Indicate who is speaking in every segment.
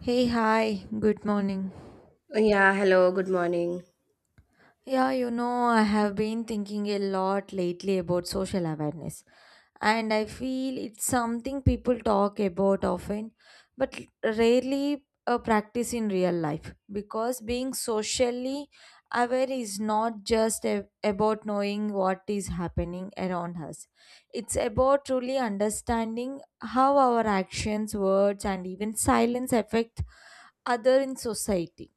Speaker 1: Hey, hi, good morning.
Speaker 2: Yeah, hello, good morning.
Speaker 1: I have been thinking a lot lately about social awareness, and I feel it's something people talk about often, but rarely practice in real life because being socially aware is not just about knowing what is happening around us, it's about truly understanding how our actions, words, and even silence affect other in society.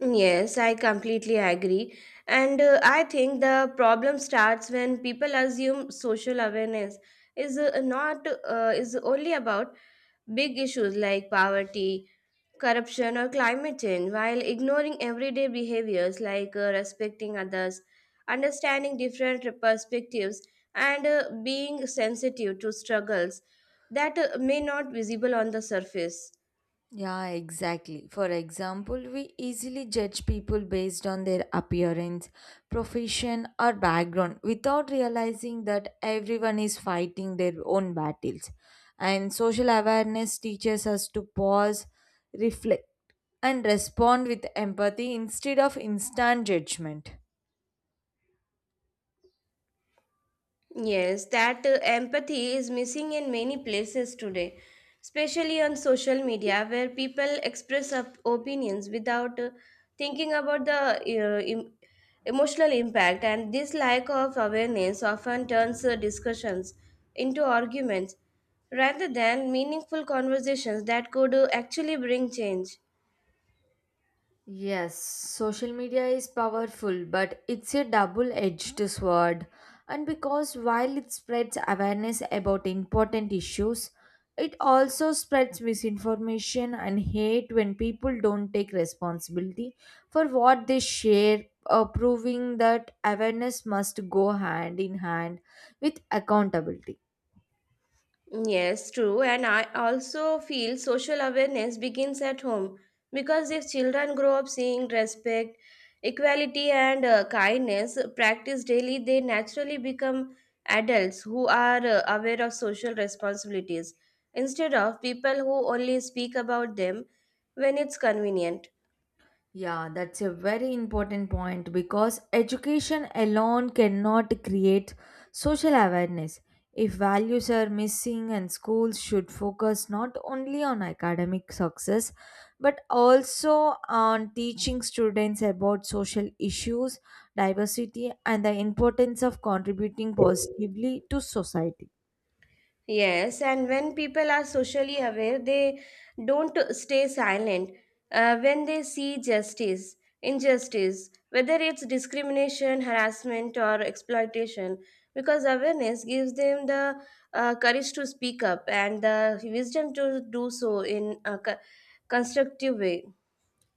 Speaker 2: Yes, I completely agree. And I think the problem starts when people assume social awareness is not is only about big issues like poverty, corruption or climate change while ignoring everyday behaviors like respecting others, understanding different perspectives and being sensitive to struggles that may not visible on the surface.
Speaker 1: Yeah, exactly. For example, we easily judge people based on their appearance, profession, or background without realizing that everyone is fighting their own battles. And social awareness teaches us to pause, reflect, and respond with empathy instead of instant judgment.
Speaker 2: Yes, that empathy is missing in many places today, especially on social media where people express up opinions without thinking about the emotional impact, and this lack of awareness often turns discussions into arguments rather than meaningful conversations that could actually bring change.
Speaker 1: Yes, social media is powerful, but it's a double edged sword. And because while it spreads awareness about important issues, it also spreads misinformation and hate when people don't take responsibility for what they share, proving that awareness must go hand in hand with accountability.
Speaker 2: Yes, true. And I also feel social awareness begins at home because if children grow up seeing respect, equality, and kindness practiced daily, they naturally become adults who are aware of social responsibilities instead of people who only speak about them when it's convenient.
Speaker 1: Yeah, that's a very important point because education alone cannot create social awareness. If values are missing, and schools should focus not only on academic success but also on teaching students about social issues, diversity, and the importance of contributing positively to society.
Speaker 2: Yes, and when people are socially aware, they don't stay silent when they see justice, injustice, whether it's discrimination, harassment, or exploitation, because awareness gives them the courage to speak up and the wisdom to do so in a constructive way.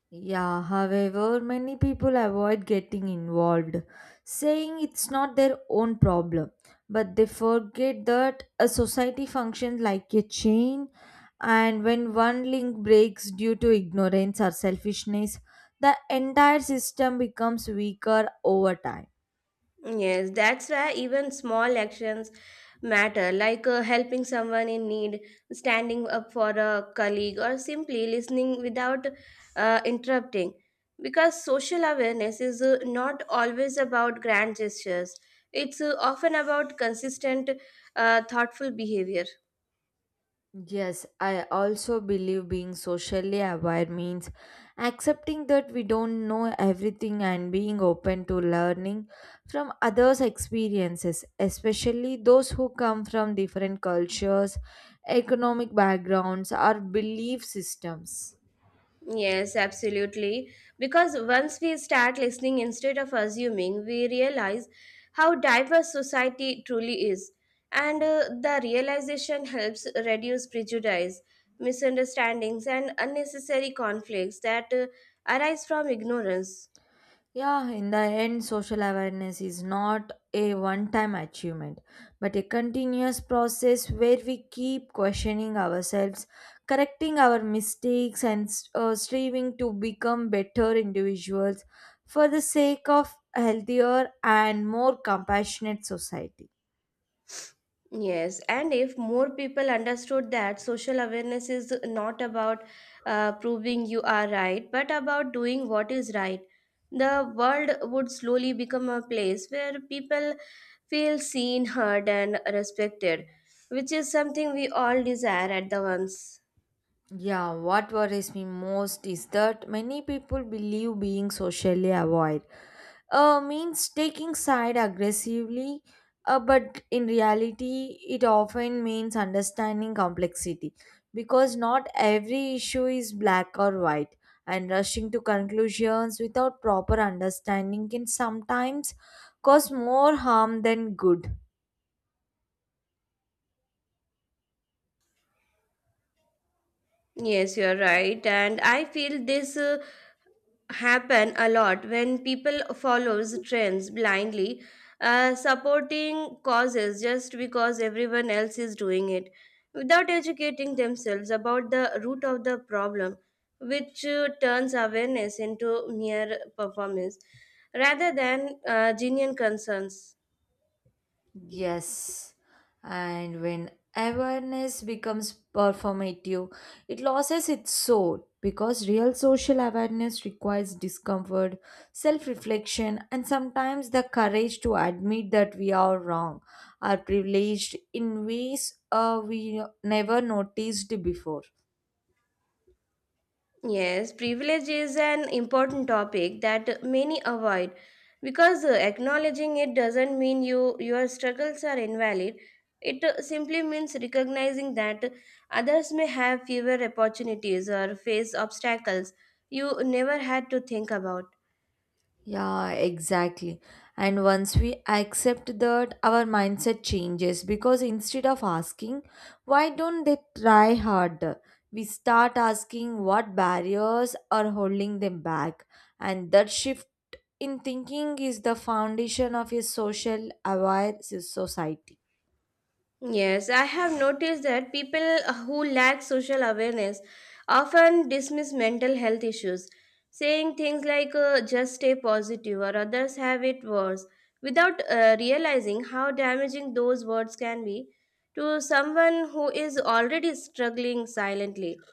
Speaker 1: Yeah, however, many people avoid getting involved, saying it's not their own problem. But they forget that a society functions like a chain, and when one link breaks due to ignorance or selfishness, the entire system becomes weaker over time.
Speaker 2: Yes, that's why even small actions matter, like helping someone in need, standing up for a colleague, or simply listening without interrupting. Because social awareness is not always about grand gestures, it's often about consistent, thoughtful behavior.
Speaker 1: Yes, I also believe being socially aware means accepting that we don't know everything and being open to learning from others' experiences, especially those who come from different cultures, economic backgrounds, or belief systems.
Speaker 2: Yes, absolutely. Because once we start listening instead of assuming, we realize how diverse society truly is. And the realization helps reduce prejudice, misunderstandings, and unnecessary conflicts that arise from ignorance.
Speaker 1: Yeah, in the end, social awareness is not a one time achievement, but a continuous process where we keep questioning ourselves, correcting our mistakes, and striving to become better individuals for the sake of healthier and more compassionate society.
Speaker 2: Yes, and if more people understood that social awareness is not about proving you are right, but about doing what is right, the world would slowly become a place where people feel seen, heard, and respected, which is something we all desire at the once.
Speaker 1: Yeah, what worries me most is that many people believe being socially aware means taking side aggressively, but in reality it often means understanding complexity because not every issue is black or white, and rushing to conclusions without proper understanding can sometimes cause more harm than good.
Speaker 2: Yes, you're right, and I feel this. Happen a lot when people follows trends blindly supporting causes just because everyone else is doing it without educating themselves about the root of the problem which turns awareness into mere performance rather than genuine concerns.
Speaker 1: Yes, and when awareness becomes performative, it loses its soul because real social awareness requires discomfort, self reflection, and sometimes the courage to admit that we are wrong, are privileged in ways we never noticed before.
Speaker 2: Yes, privilege is an important topic that many avoid because acknowledging it doesn't mean you your struggles are invalid. It simply means recognizing that others may have fewer opportunities or face obstacles you never had to think about.
Speaker 1: Yeah, exactly. And once we accept that, our mindset changes because instead of asking, why don't they try harder, we start asking what barriers are holding them back. And that shift in thinking is the foundation of a social aware society.
Speaker 2: Yes, I have noticed that people who lack social awareness often dismiss mental health issues, saying things like just stay positive or others have it worse, without realizing how damaging those words can be to someone who is already struggling silently.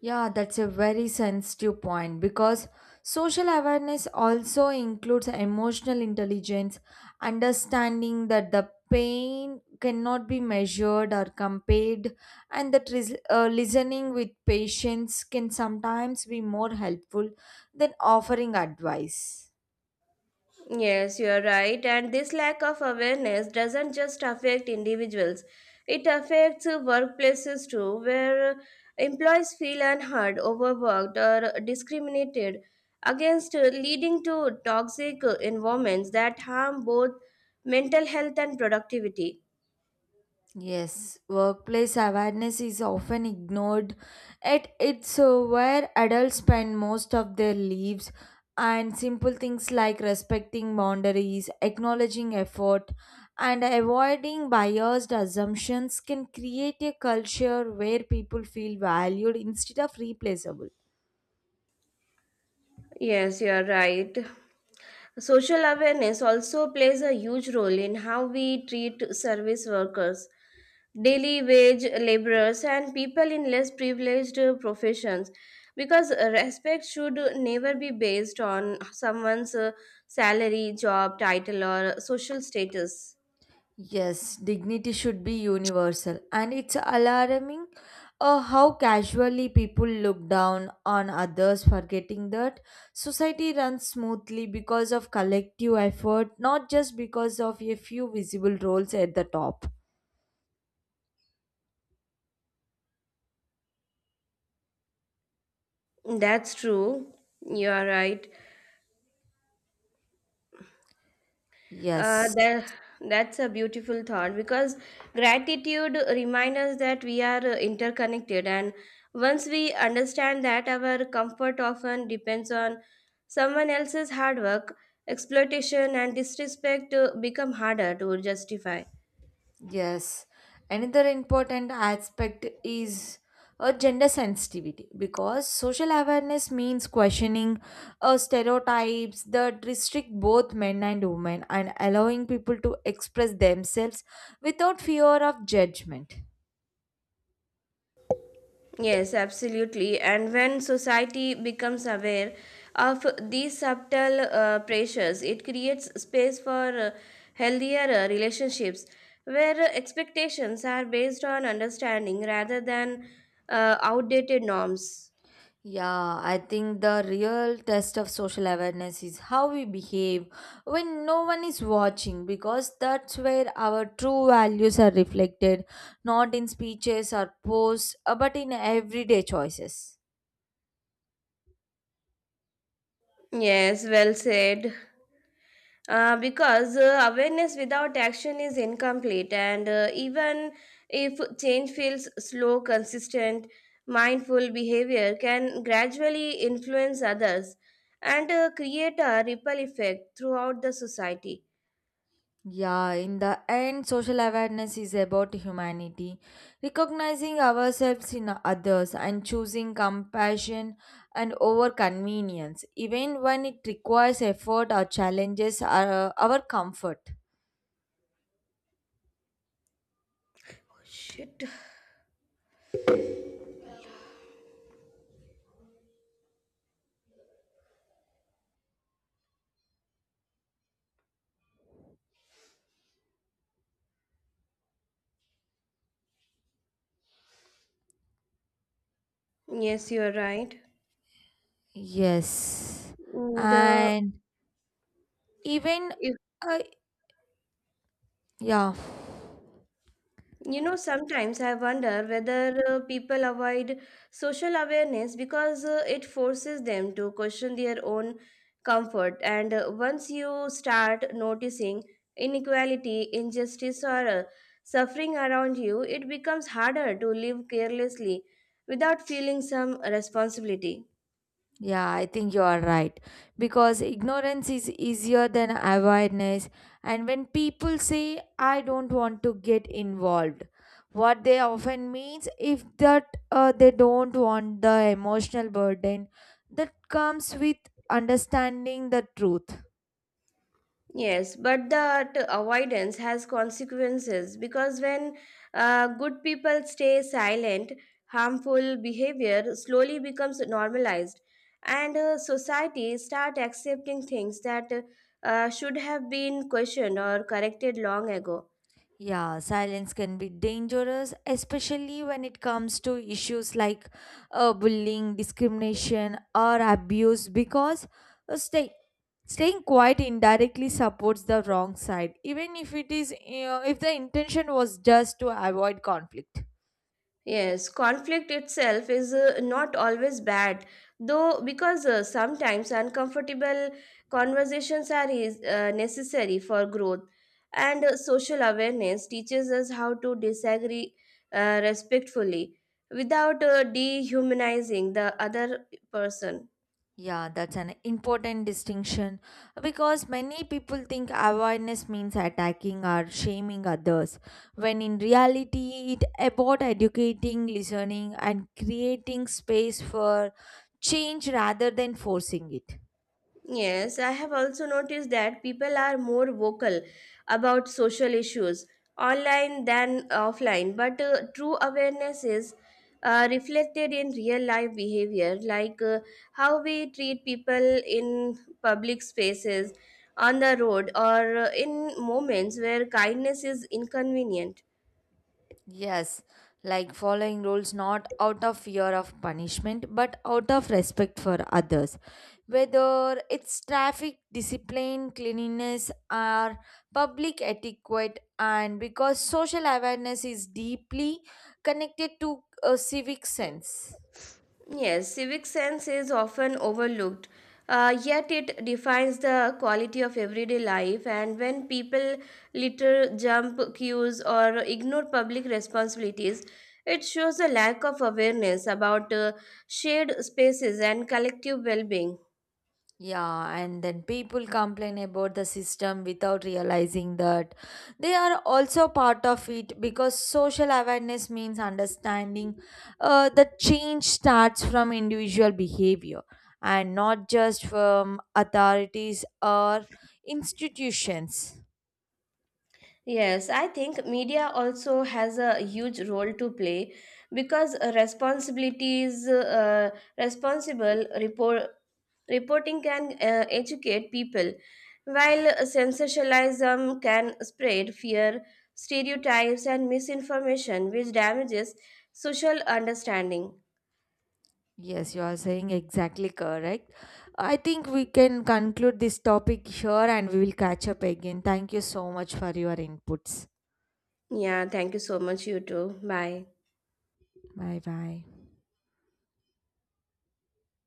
Speaker 1: Yeah, that's a very sensitive point because social awareness also includes emotional intelligence, understanding that the pain cannot be measured or compared, and that listening with patience can sometimes be more helpful than offering advice.
Speaker 2: Yes, you are right. And this lack of awareness doesn't just affect individuals, it affects workplaces too, where employees feel unheard, overworked, or discriminated against, leading to toxic environments that harm both mental health and productivity.
Speaker 1: Yes, workplace awareness is often ignored. It's where adults spend most of their lives, and simple things like respecting boundaries, acknowledging effort, and avoiding biased assumptions can create a culture where people feel valued instead of replaceable.
Speaker 2: Yes, you are right. Social awareness also plays a huge role in how we treat service workers, daily wage laborers, and people in less privileged professions because respect should never be based on someone's salary, job title, or social status.
Speaker 1: Yes, dignity should be universal, and it's alarming, how casually people look down on others, forgetting that society runs smoothly because of collective effort, not just because of a few visible roles at the top.
Speaker 2: That's true. You are right. Uh,
Speaker 1: Yes.
Speaker 2: that that's a beautiful thought because gratitude reminds us that we are interconnected, and once we understand that our comfort often depends on someone else's hard work, exploitation, and disrespect become harder to justify.
Speaker 1: Yes, another important aspect is a gender sensitivity because social awareness means questioning stereotypes that restrict both men and women and allowing people to express themselves without fear of judgment.
Speaker 2: Yes, absolutely. And when society becomes aware of these subtle pressures, it creates space for healthier relationships where expectations are based on understanding rather than outdated norms.
Speaker 1: Yeah, I think the real test of social awareness is how we behave when no one is watching because that's where our true values are reflected, not in speeches or posts, but in everyday choices.
Speaker 2: Yes, well said. Because awareness without action is incomplete, and even if change feels slow, consistent, mindful behavior can gradually influence others and create a ripple effect throughout the society.
Speaker 1: Yeah, in the end, social awareness is about humanity, recognizing ourselves in others and choosing compassion and over convenience, even when it requires effort or challenges our comfort.
Speaker 2: Shit. Yes, you're right.
Speaker 1: Yes.
Speaker 2: And, uh,
Speaker 1: And even uh, yeah,
Speaker 2: You know, sometimes I wonder whether people avoid social awareness because it forces them to question their own comfort. And once you start noticing inequality, injustice, or suffering around you, it becomes harder to live carelessly without feeling some responsibility.
Speaker 1: yeah, I think you are right because ignorance is easier than awareness, and when people say I don't want to get involved, what they often means if that they don't want the emotional burden that comes with understanding the truth.
Speaker 2: Yes, but that avoidance has consequences because when good people stay silent, harmful behavior slowly becomes normalized, and society start accepting things that should have been questioned or corrected long ago.
Speaker 1: Yeah, silence can be dangerous, especially when it comes to issues like bullying, discrimination, or abuse, because uh, stay, staying quiet indirectly supports the wrong side, even if it is, if the intention was just to avoid conflict.
Speaker 2: Yes, conflict itself is not always bad, though, because sometimes uncomfortable conversations are necessary for growth. And social awareness teaches us how to disagree respectfully without dehumanizing the other person.
Speaker 1: Yeah, that's an important distinction because many people think awareness means attacking or shaming others, when in reality, it about educating, listening, and creating space for change rather than forcing it.
Speaker 2: Yes, I have also noticed that people are more vocal about social issues online than offline, but true awareness is reflected in real life behavior, like how we treat people in public spaces, on the road, or in moments where kindness is inconvenient.
Speaker 1: Yes, like following rules not out of fear of punishment but out of respect for others. Whether it's traffic discipline, cleanliness, or public etiquette, and because social awareness is deeply connected to a civic sense.
Speaker 2: Yes, civic sense is often overlooked, yet it defines the quality of everyday life. And when people litter, jump queues, or ignore public responsibilities, it shows a lack of awareness about shared spaces and collective well being.
Speaker 1: Yeah, and then people complain about the system without realizing that they are also part of it because social awareness means understanding that change starts from individual behavior and not just from authorities or institutions.
Speaker 2: Yes, I think media also has a huge role to play because responsible report, reporting can educate people, while sensationalism can spread fear, stereotypes, and misinformation, which damages social understanding.
Speaker 1: Yes, you are saying exactly correct. I think we can conclude this topic here and we will catch up again. Thank you so much for your inputs.
Speaker 2: Yeah, thank you so much, you too. Bye.
Speaker 1: Bye bye.